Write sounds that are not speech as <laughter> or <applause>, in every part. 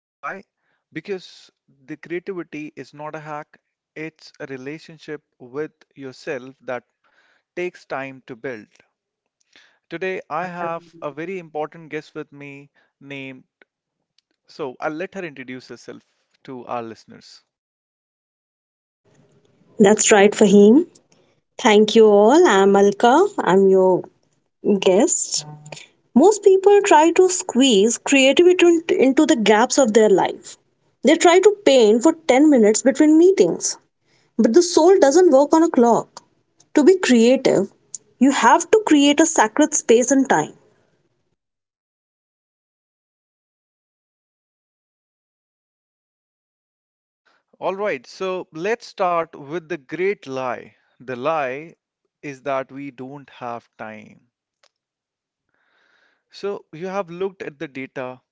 Why? Because the creativity is not a hack, it's a relationship with yourself that takes time to build. Today I have a very important guest with me named, so I'll let her introduce herself to our listeners. That's right, Fahim. Thank you all. I'm Alka. I'm your guest. Most people try to squeeze creativity into the gaps of their life. They try to paint for 10 minutes between meetings. But the soul doesn't work on a clock. To be creative, you have to create a sacred space and time. All right, so let's start with the great lie. The lie is that we don't have time. So you have looked at the data.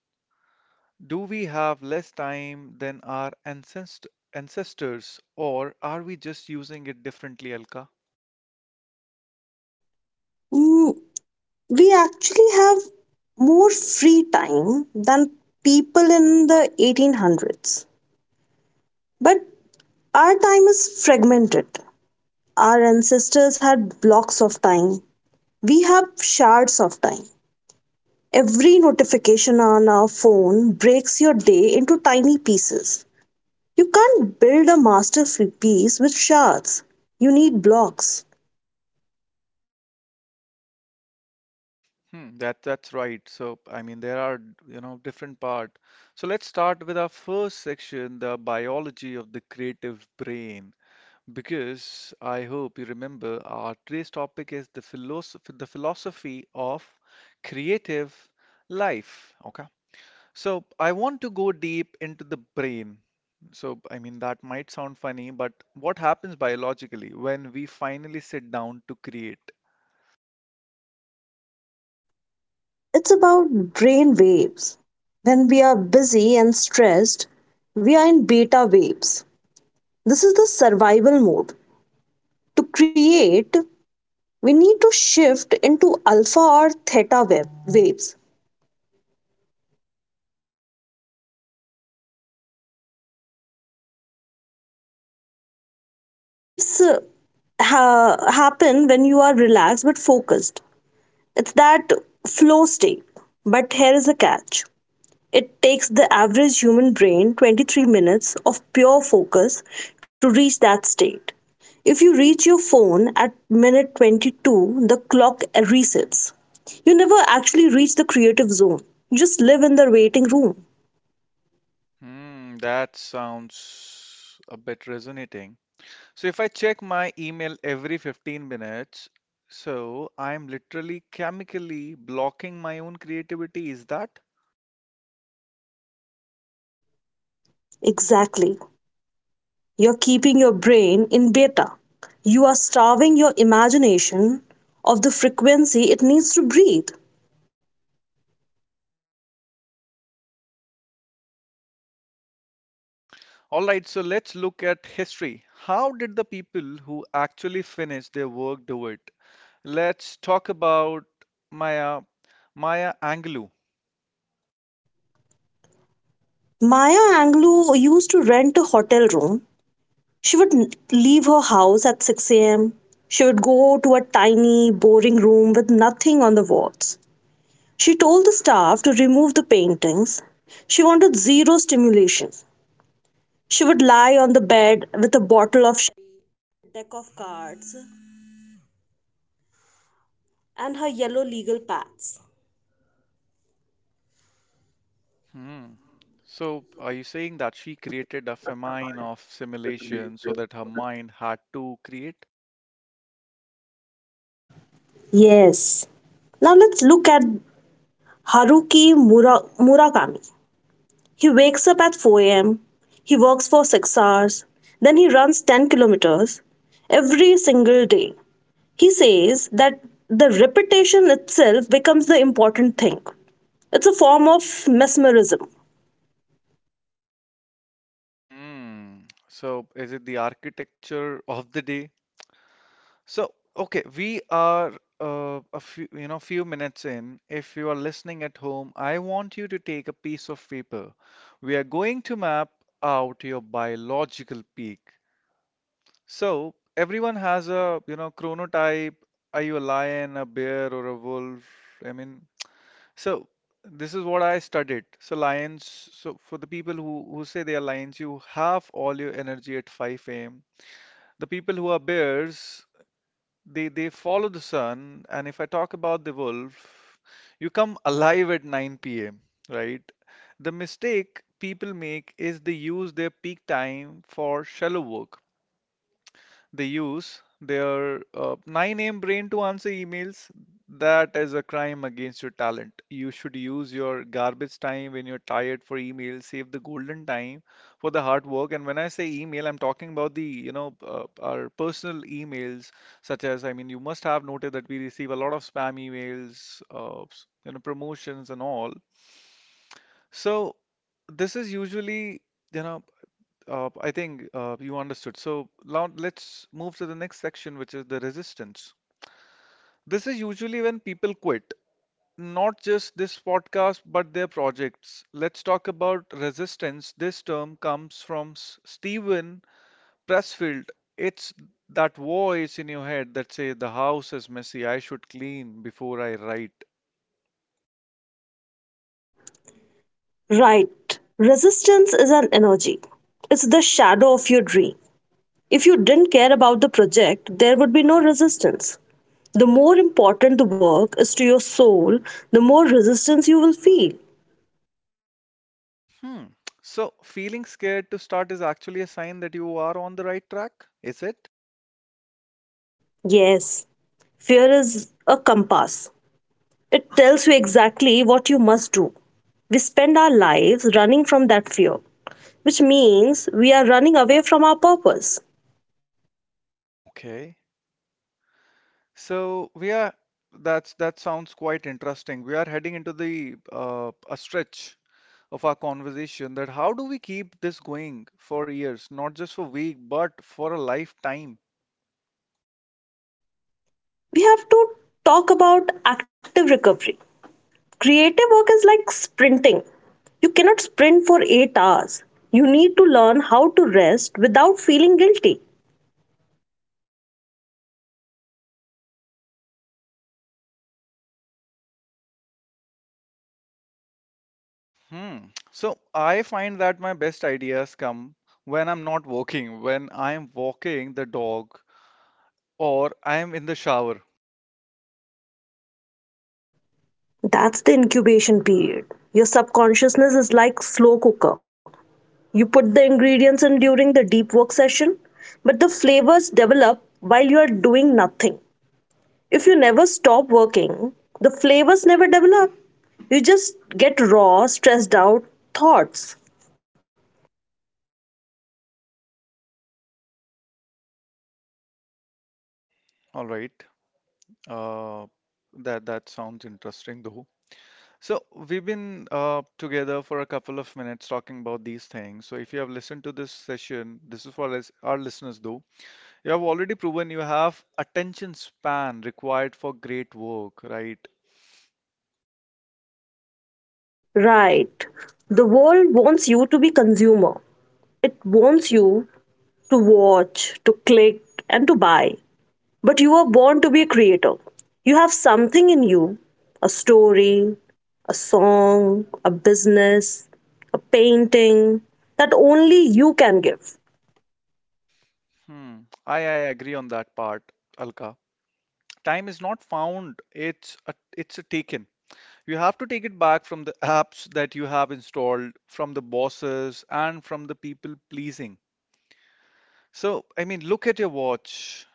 Do we have less time than our ancestors, or are we just using it differently, Alka? Mm, We actually have more free time than people in the 1800s. But our time is fragmented. Our ancestors had blocks of time. We have shards of time. Every notification on our phone breaks your day into tiny pieces. You can't build a masterpiece with shards. You need blocks. Hmm, that's right. There are, different part. So let's start with our first section, the biology of the creative brain. Because I hope you remember our today's topic is the philosophy of creative life. Okay. So I want to go deep into the brain. So I mean that might sound funny, but what happens biologically when we finally sit down to create? It's about brain waves. When we are busy and stressed, we are in beta waves. This is the survival mode. To create, we need to shift into alpha or theta waves. Alpha waves happen when you are relaxed but focused. It's that flow state. But here is a catch: it takes the average human brain 23 minutes of pure focus to reach that state. If you reach your phone at minute 22, the clock resets. You never actually reach the creative zone. You just live in the waiting room. Hmm, that sounds a bit resonating. So if I check my email every 15 minutes, so I'm literally chemically blocking my own creativity, is that? Exactly. You're keeping your brain in beta. You are starving your imagination of the frequency it needs to breathe. All right, so let's look at history. How did the people who actually finished their work do it? Let's talk about Maya Maya Angelou. Maya Angelou used to rent a hotel room. She would leave her house at 6 a.m. She would go to a tiny, boring room with nothing on the walls. She told the staff to remove the paintings. She wanted zero stimulation. She would lie on the bed with a bottle of— Hmm. So are you saying that she created a famine of simulation so that her mind had to create? Yes. Now let's look at Haruki Murakami. He wakes up at 4 a.m., he works for 6 hours, then he runs 10 kilometers every single day. He says that the repetition itself becomes the important thing. It's a form of mesmerism. Hmm. So is it the architecture of the day? So, okay, we are a few, few minutes in. If you are listening at home, I want you to take a piece of paper. We are going to map out your biological peak. So, everyone has a, chronotype. Are you a lion, a bear, or a wolf? I mean, so this is what I studied. So, lions, so for the people who say they are lions, you have all your energy at 5 a.m. The people who are bears, they follow the sun, and if I talk about the wolf, you come alive at 9 p.m., right? The mistake people make is they use their peak time for shallow work. They use their 9 a.m. brain to answer emails. That is a crime against your talent. You should use your garbage time when you're tired for email. Save the golden time for the hard work. And when I say email, I'm talking about the, our personal emails, such as, I mean, you must have noted that we receive a lot of spam emails, promotions and all. So this is usually, you know, I think you understood. So now let's move to the next section, which is the resistance. This is usually when people quit, not just this podcast, but their projects. Let's talk about resistance. This term comes from Stephen Pressfield. It's that voice in your head that say the house is messy, I should clean before I write. Right. Resistance is an energy. It's the shadow of your dream. If you didn't care about the project, there would be no resistance. The more important the work is to your soul, the more resistance you will feel. Hmm. So feeling scared to start is actually a sign that you are on the right track, is it? Yes, fear is a compass. It tells you exactly what you must do. We spend our lives running from that fear, which means we are running away from our purpose. Okay. So we are that's that sounds quite interesting. We are heading into the a stretch of our conversation that how do we keep this going for years, not just for week, but for a lifetime. We have to talk about active recovery. Creative work is like sprinting. You cannot sprint for 8 hours. You need to learn how to rest without feeling guilty. Hmm. So I find that my best ideas come when I'm not working, when I'm walking the dog or I'm in the shower. That's the incubation period. Your subconsciousness is like slow cooker. You put the ingredients in during the deep work session, but the flavors develop while you are doing nothing. If you never stop working, the flavors never develop. You just get raw, stressed out thoughts. All right. Uh, that sounds interesting though. So we've been together for a couple of minutes talking about these things. So if you have listened to this session, this is for our listeners though. You have already proven you have attention span required for great work, right? Right. The world wants you to be consumer. It wants you to watch, to click, and to— But you were born to be a creator. You have something in you, a story, a song, a business, a painting, that only you can give. Hmm. I agree on that part, Alka. Time is not found, it's a taken. You have to take it back from the apps that you have installed, from the bosses, and from the people pleasing. So, I mean, look at your watch.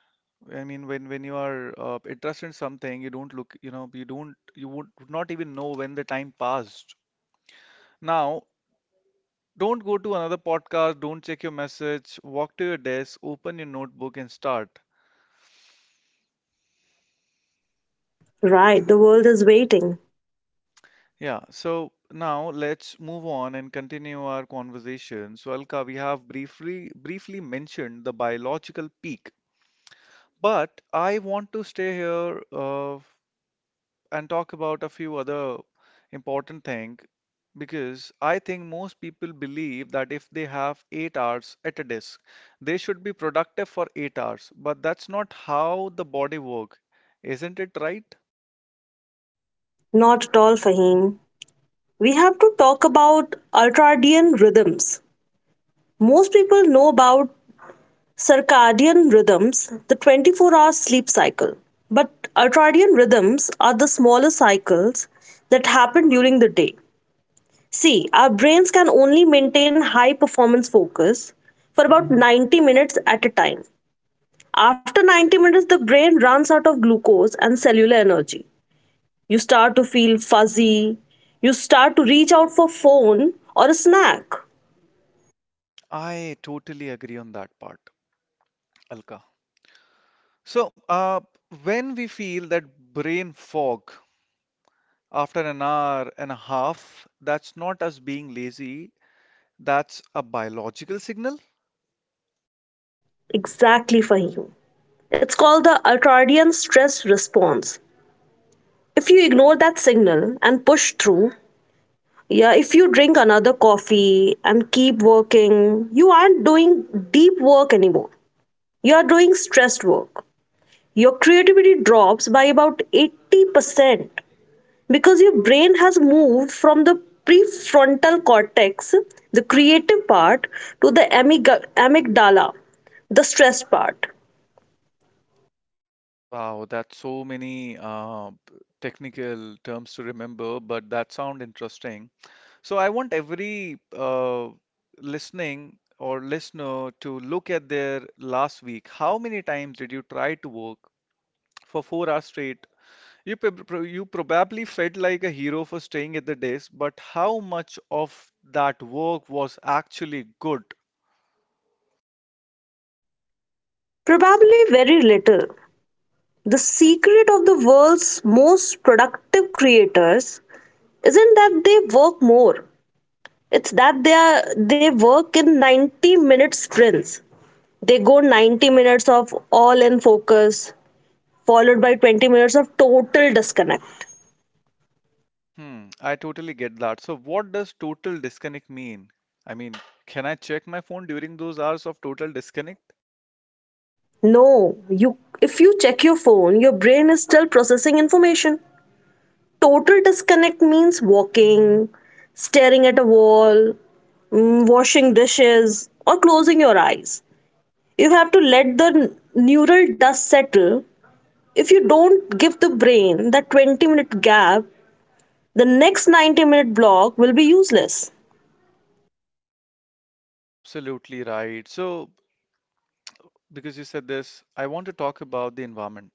I mean, when you are interested in something, you don't look, you would not even know when the time passed. Now, don't go to another podcast, don't check your message, walk to your desk, open your notebook, and start. Right, the world is waiting. Yeah, so now let's move on and continue our conversation. So, Alka, we have briefly mentioned the biological peak, but I want to stay here and talk about a few other important thing because I think most people believe that if they have 8 hours at a desk, they should be productive for 8 hours, but that's not how the body work, isn't it right? Not at all, Fahim. We have to talk about ultradian rhythms. Most people know about circadian rhythms, the 24-hour sleep cycle. But ultradian rhythms are the smaller cycles that happen during the day. See, our brains can only maintain high performance focus for about 90 minutes at a time. After 90 minutes, the brain runs out of glucose and cellular energy. You start to feel fuzzy. You start to reach out for phone or a snack. I totally agree on that part, Alka. So, when we feel that brain fog after an hour and a half, that's not us being lazy, that's a biological signal. Exactly, Fahim. It's called the ultradian stress response. If you ignore that signal and push through, yeah, if you drink another coffee and keep working, you aren't doing deep work anymore. You are doing stressed work. Your creativity drops by about 80% because your brain has moved from the prefrontal cortex, the creative part, to the amygdala, the stressed part. Wow, that's so many technical terms to remember, but that sound interesting. So I want every listening or listener to look at their last week. How many times did you try to work for 4 hours straight? You you probably felt like a hero for staying at the desk, but how much of that work was actually good? Probably very little. The secret of the world's most productive creators isn't that they work more. It's that they work in 90-minute sprints. They go 90 minutes of all in focus, followed by 20 minutes of total disconnect. Hmm, I totally get that. So, what does total disconnect mean? I mean, can I check my phone during those hours of total disconnect? No, you if you check your phone, your brain is still processing information. Total disconnect means walking, staring at a wall, washing dishes, or closing your eyes. You have to let the neural dust settle. If you don't give the brain that 20-minute gap, the next 90-minute block will be useless. Absolutely right. So, because you said this, I want to talk about the environment.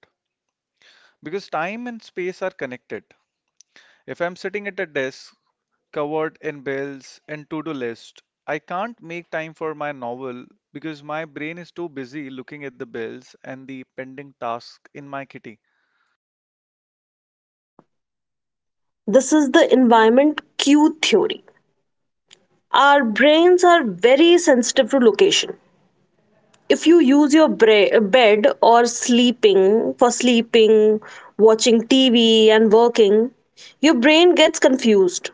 Because time and space are connected. If I'm sitting at a desk covered in bills and to-do list, I can't make time for my novel because my brain is too busy looking at the bills and the pending tasks in my kitty. This is the environment cue theory. Our brains are very sensitive to location. If you use your bed or sleeping for sleeping, watching TV, and working, your brain gets confused.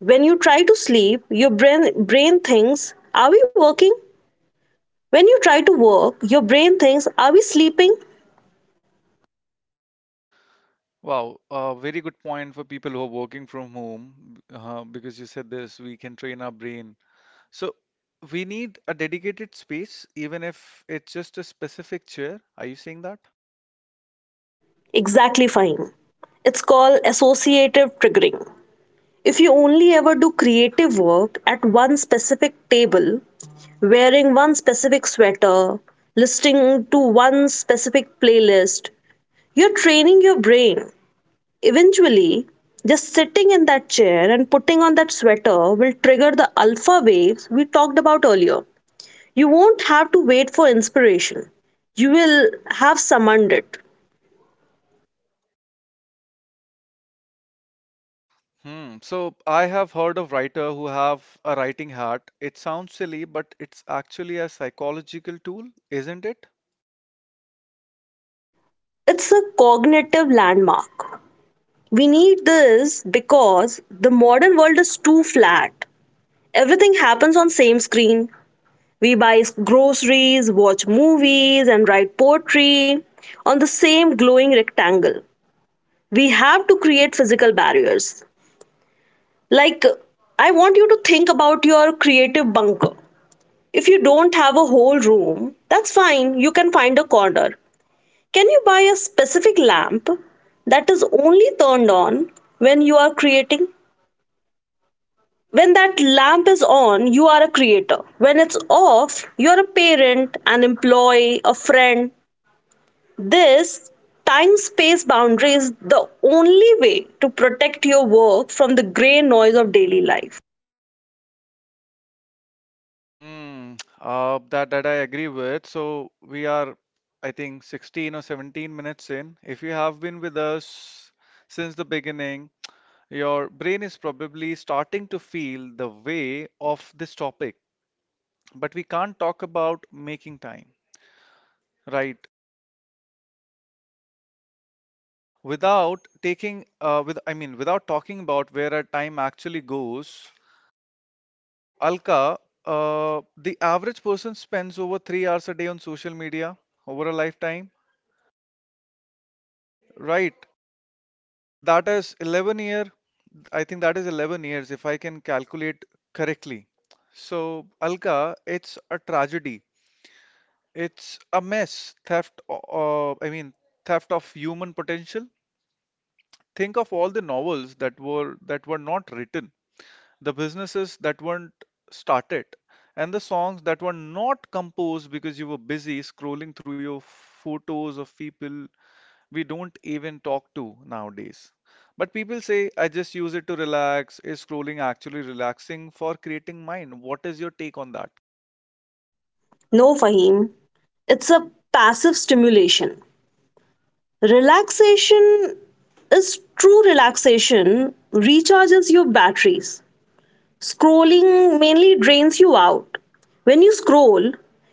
When you try to sleep, your brain thinks, are we working? When you try to work, your brain thinks, are we sleeping? Wow, a very good point for people who are working from home, because you said this, we can train our brain. So we need a dedicated space, even if it's just a specific chair. Are you saying that? Exactly, fine. It's called associative triggering. If you only ever do creative work at one specific table, wearing one specific sweater, listening to one specific playlist, you're training your brain. Eventually, just sitting in that chair and putting on that sweater will trigger the alpha waves we talked about earlier. You won't have to wait for inspiration, you will have summoned it. Hmm. So I have heard of writer who have a writing hat. It sounds silly, but it's actually a psychological tool, isn't it? It's a cognitive landmark. We need this because the modern world is too flat. Everything happens on same screen. We buy groceries, watch movies, and write poetry on the same glowing rectangle. We have to create physical barriers. Like, I want you to think about your creative bunker. If you don't have a whole room, that's fine, you can find a corner. Can you buy a specific lamp that is only turned on when you are creating? When that lamp is on, you are a creator. When it's off, you are a parent, an employee, a friend. This time space boundary is the only way to protect your work from the gray noise of daily life. Hmm. That I agree with. So we are, I think, 16 or 17 minutes in. If you have been with us since the beginning, your brain is probably starting to feel the way of this topic, but we can't talk about making time, right? Without taking, with I mean, without talking about where our time actually goes. Alka, the average person spends over 3 hours a day on social media over a lifetime, right? That is 11 year. I think that is 11 years if I can calculate correctly. So, Alka, it's a tragedy. It's a mess. Theft, theft of human potential. Think of all the novels that were not written, the businesses that weren't started, and the songs that were not composed because you were busy scrolling through your photos of people we don't even talk to nowadays. But people say, I just use it to relax. Is scrolling actually relaxing for creating mind? What is your take on that? No, Fahim, it's a passive stimulation. Relaxation is true relaxation recharges your batteries. Scrolling mainly drains you out. When you scroll,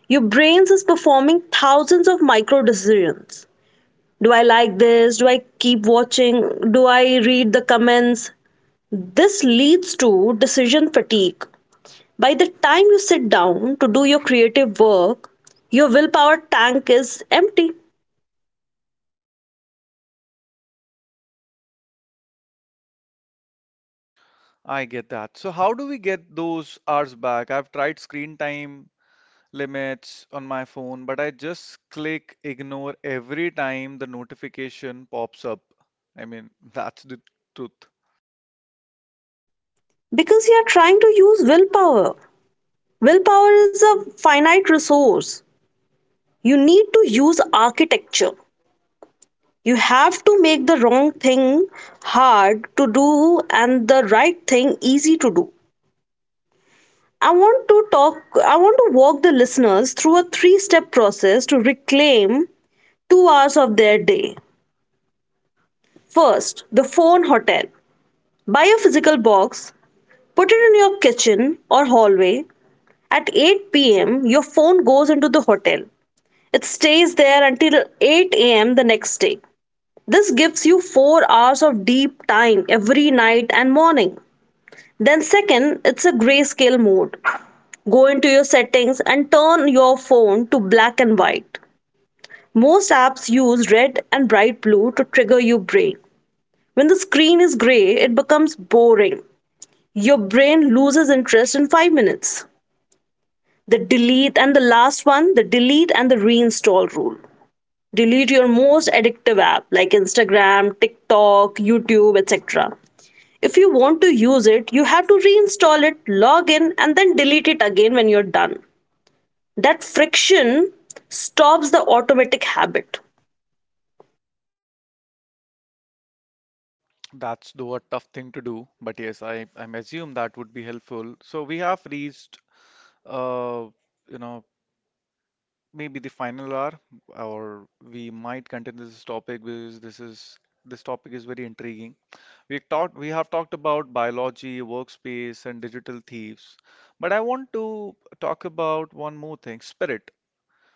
your brain is performing thousands of micro decisions. Do I like this? Do I keep watching? Do I read the comments? This leads to decision fatigue. By the time you sit down to do your creative work, your willpower tank is empty, I get that. So how do we get those hours back? I've tried screen time limits on my phone, but I just click ignore every time the notification pops up. I mean, <laughs> that's the truth. because you are trying to use willpower. Willpower is a finite resource. You need to use architecture. You have to make the wrong thing hard to do and the right thing easy to do. I want to talk, I want to walk the listeners through a three step process to reclaim 2 hours of their day. First, the phone hotel. Buy a physical box, put it in your kitchen or hallway. At 8 p.m., your phone goes into the hotel. It stays there until 8 a.m. the next day. This gives you 4 hours of deep time every night and morning. Then, second, it's a grayscale mode. Go into your settings and turn your phone to black and white. Most apps use red and bright blue to trigger your brain. When the screen is gray, it becomes boring. Your brain loses interest in 5 minutes. The delete and the last one, the delete and the reinstall rule. Delete your most addictive app like Instagram, TikTok, YouTube, etc. If you want to use it, you have to reinstall it, log in, and then delete it again when you're done. That friction stops the automatic habit. That's though a tough thing to do, but yes, I assume that would be helpful. So we have reached, uh, you know, maybe the final hour, or we might continue this topic because this topic is very intriguing. We have talked about biology, workspace, and digital thieves, but I want to talk about one more thing, spirit.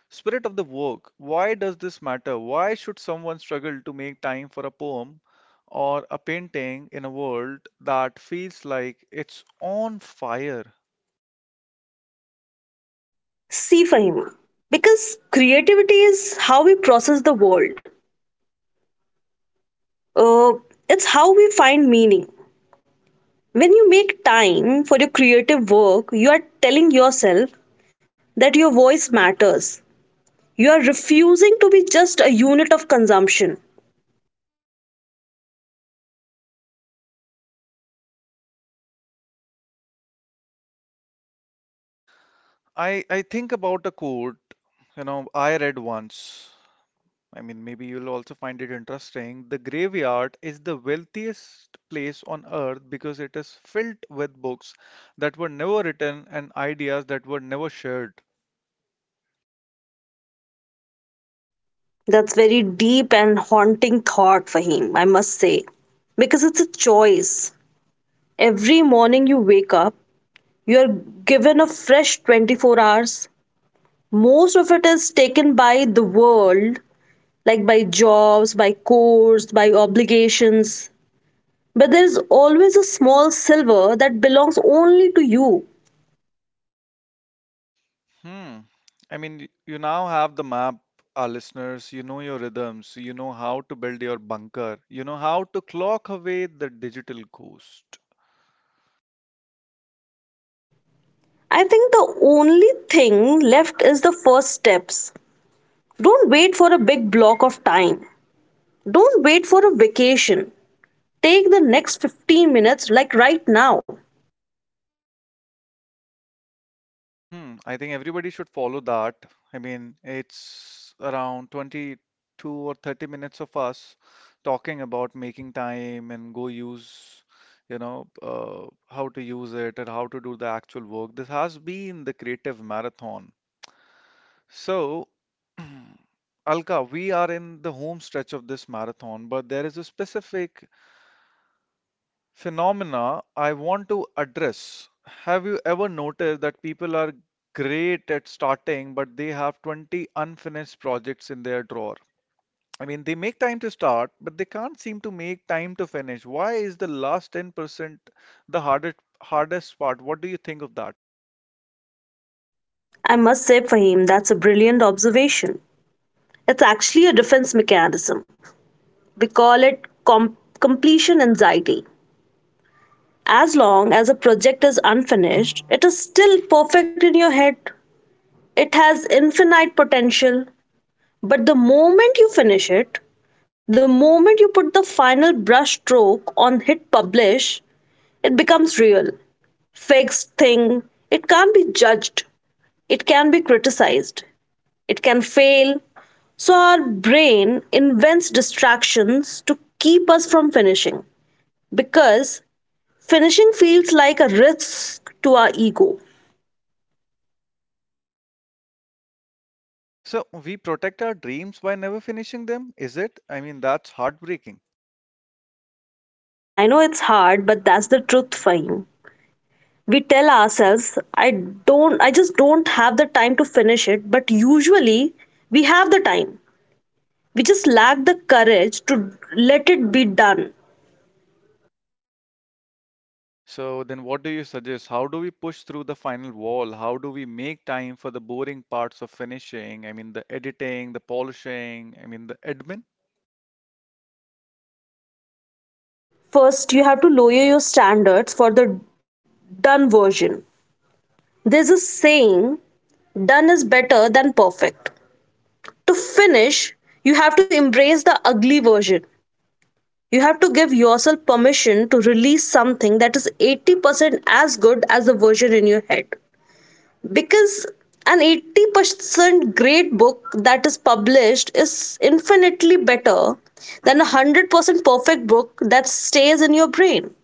Spirit of the work. Why does this matter? Why should someone struggle to make time for a poem or a painting in a world that feels like it's on fire? See, Fahima, because creativity is how we process the world, uh, it's how we find meaning. When you make time for your creative work, you are telling yourself that your voice matters. You are refusing to be just a unit of consumption. I think about a quote, I read once. I mean, maybe you'll also find it interesting. The graveyard is the wealthiest place on earth because it is filled with books that were never written and ideas that were never shared. That's very deep and haunting thought, Fahim. I must say. Because it's a choice. Every morning you wake up, you are given a fresh 24 hours. Most of it is taken by the world, like by jobs, by course, by obligations. But there is always a small silver that belongs only to you. Hmm. I mean, you now have the map, our listeners. You know your rhythms. You know how to build your bunker. You know how to clock away the digital ghost. I think the only thing left is the first steps. Don't wait for a big block of time. Don't wait for a vacation. Take the next 15 minutes, like right now. Hmm, I think everybody should follow that. I mean, it's around 22 or 30 minutes of us talking about making time and go use, how to use it and how to do the actual work. This has been the creative marathon. So, <clears throat> Alka, we are in the home stretch of this marathon, but there is a specific phenomena I want to address. Have you ever noticed that people are great at starting, but they have 20 unfinished projects in their drawer? I mean, they make time to start, but they can't seem to make time to finish. Why is the last 10% the hardest part? What do you think of that? I must say, Fahim, that's a brilliant observation. It's actually a defense mechanism. We call it completion anxiety. As long as a project is unfinished, it is still perfect in your head. It has infinite potential, but the moment you finish it, the moment you put the final brush stroke on, hit publish, it becomes real, fixed. It can't be judged, it can be criticized, it can fail. So our brain invents distractions to keep us from finishing, because finishing feels like a risk to our ego. So, we protect our dreams by never finishing them, is it? I mean, that's heartbreaking. I know it's hard, but that's the truth, Fahim. We tell ourselves, I don't, I just don't have the time to finish it. But usually we have the time, we just lack the courage to let it be done. So then what do you suggest? How do we push through the final wall? How do we make time for the boring parts of finishing? I mean the editing, the polishing, I mean the admin? First you have to lower your standards for the done version. There's a saying, done is better than perfect. To finish, you have to embrace the ugly version. You have to give yourself permission to release something that is 80% as good as the version in your head, because an 80% great book that is published is infinitely better than a 100% perfect book that stays in your brain.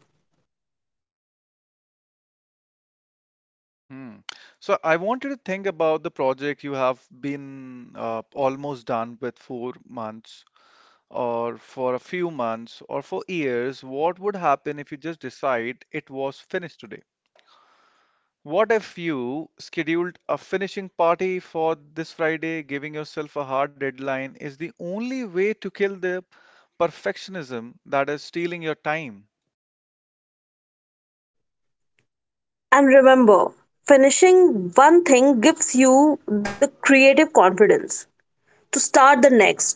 Hmm. So I want you to think about the project you have been almost done with 4 months or for a few months or for years. What would happen if you just decide it was finished today? What if you scheduled a finishing party for this Friday? Giving yourself a hard deadline is the only way to kill the perfectionism that is stealing your time. And remember, finishing one thing gives you the creative confidence to start the next.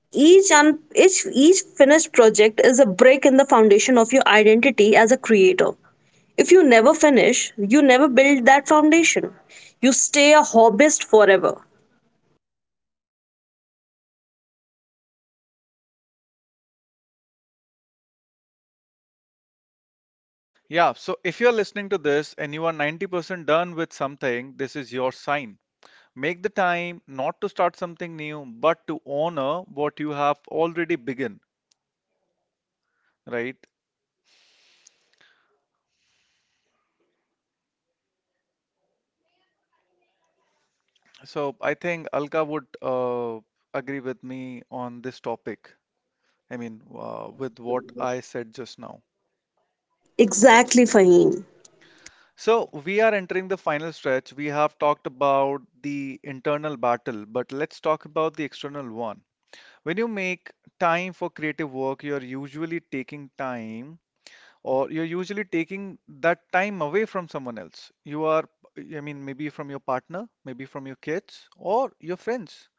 Each un- each finished project is a break in the foundation of your identity as a creator. If you never finish, you never build that foundation. You stay a hobbyist forever. Yeah, so if you're listening to this and you are 90% done with something, this is your sign. Make the time not to start something new, but to honor what you have already begun, right? So I think Alka would agree with me on this topic. I mean, with what I said just now. Exactly, Fahim. So, we are entering the final stretch. We have talked about the internal battle, but let's talk about the external one. When you make time for creative work, you're usually taking time or you're usually taking that time away from someone else. You are, I mean, maybe from your partner, maybe from your kids or your friends.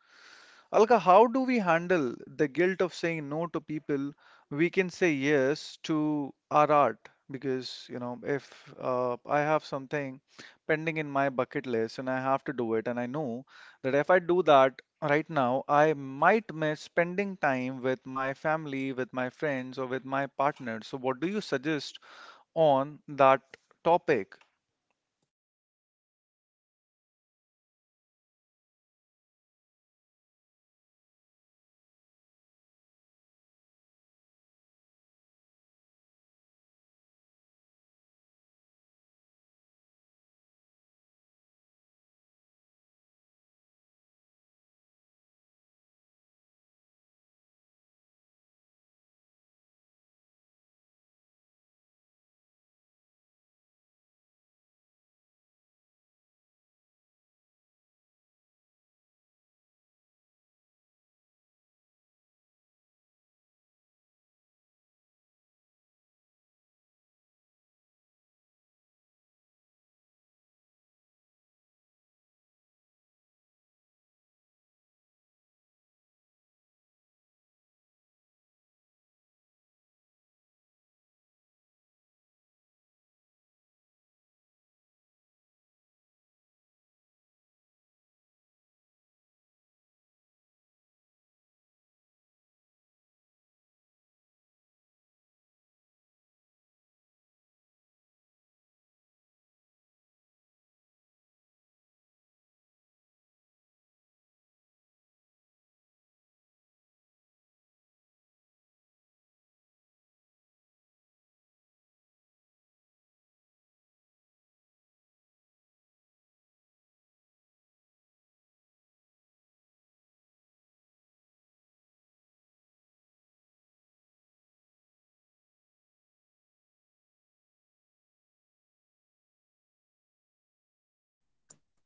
Alka, how do we handle the guilt of saying no to people we can say yes to our art? Because, you know, if I have something pending in my bucket list and I have to do it, and I know that if I do that right now, I might miss spending time with my family, with my friends, or with my partner. So, what do you suggest on that topic?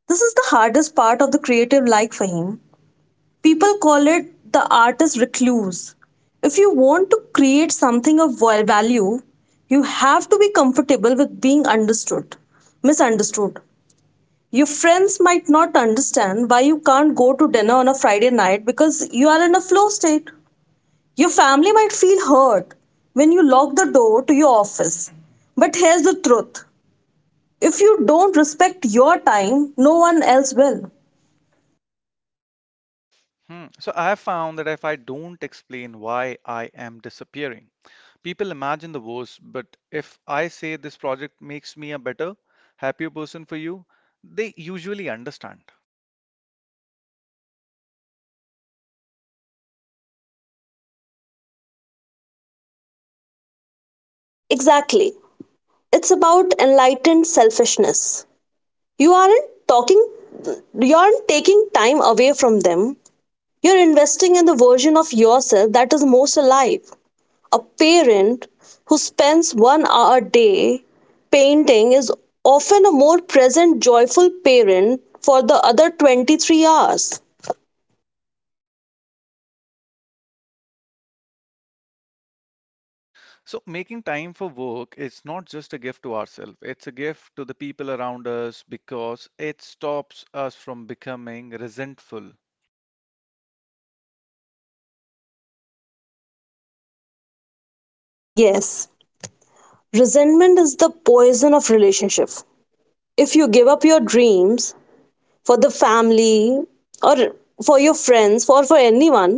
This is the hardest part of the creative life, Fahim. People call it the artist recluse. If you want to create something of value, you have to be comfortable with being understood, misunderstood. Your friends might not understand why you can't go to dinner on a Friday night because you are in a flow state. Your family might feel hurt when you lock the door to your office. But here's the truth: if you don't respect your time, no one else will. Hmm. So I have found that if I don't explain why I am disappearing, people imagine the worst. But if I say this project makes me a better, happier person for you, they usually understand. Exactly. It's about enlightened selfishness. You aren't talking, you aren't taking time away from them. You're investing in the version of yourself that is most alive. A parent who spends 1 hour a day painting is often a more present, joyful parent for the other 23 hours. So making time for work is not just a gift to ourselves, it's a gift to the people around us because it stops us from becoming resentful. Yes, resentment is the poison of relationship. If you give up your dreams for the family or for your friends or for anyone,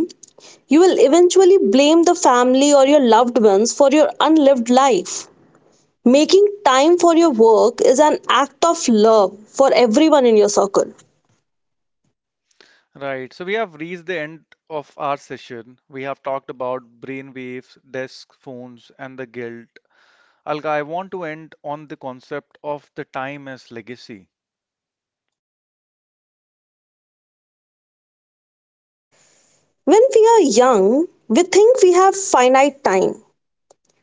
you will eventually blame the family or your loved ones for your unlived life. Making time for your work is an act of love for everyone in your circle. Right, so we have reached the end of our session. We have talked about brainwaves, desk phones, and the guilt. Alka, I want to end on the concept of the time as legacy. When we are young, we think we have finite time.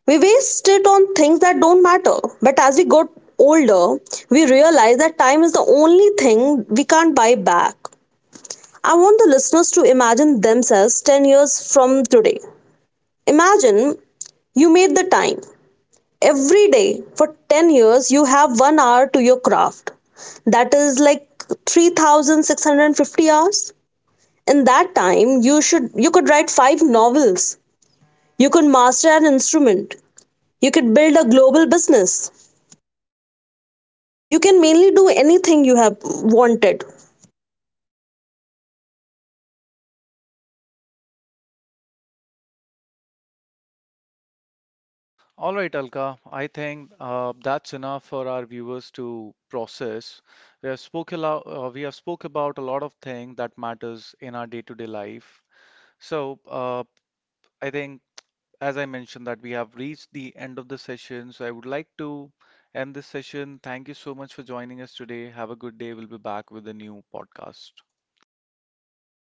We waste it on things that don't matter. But as we got older, we realize that time is the only thing we can't buy back. I want the listeners to imagine themselves 10 years from today. Imagine you made the time. Every day for 10 years, you have 1 hour to your craft. That is like 3,650 hours. In that time, you could write five novels. You could master an instrument. You could build a global business. You can mainly do anything you have wanted. All right, Alka, I think that's enough for our viewers to process. We have spoke a lot, we have spoke about a lot of things that matters in our day-to-day life. So I think, as I mentioned, that we have reached the end of the session. So I would like to end this session. Thank you so much for joining us today. Have a good day. We'll be back with a new podcast.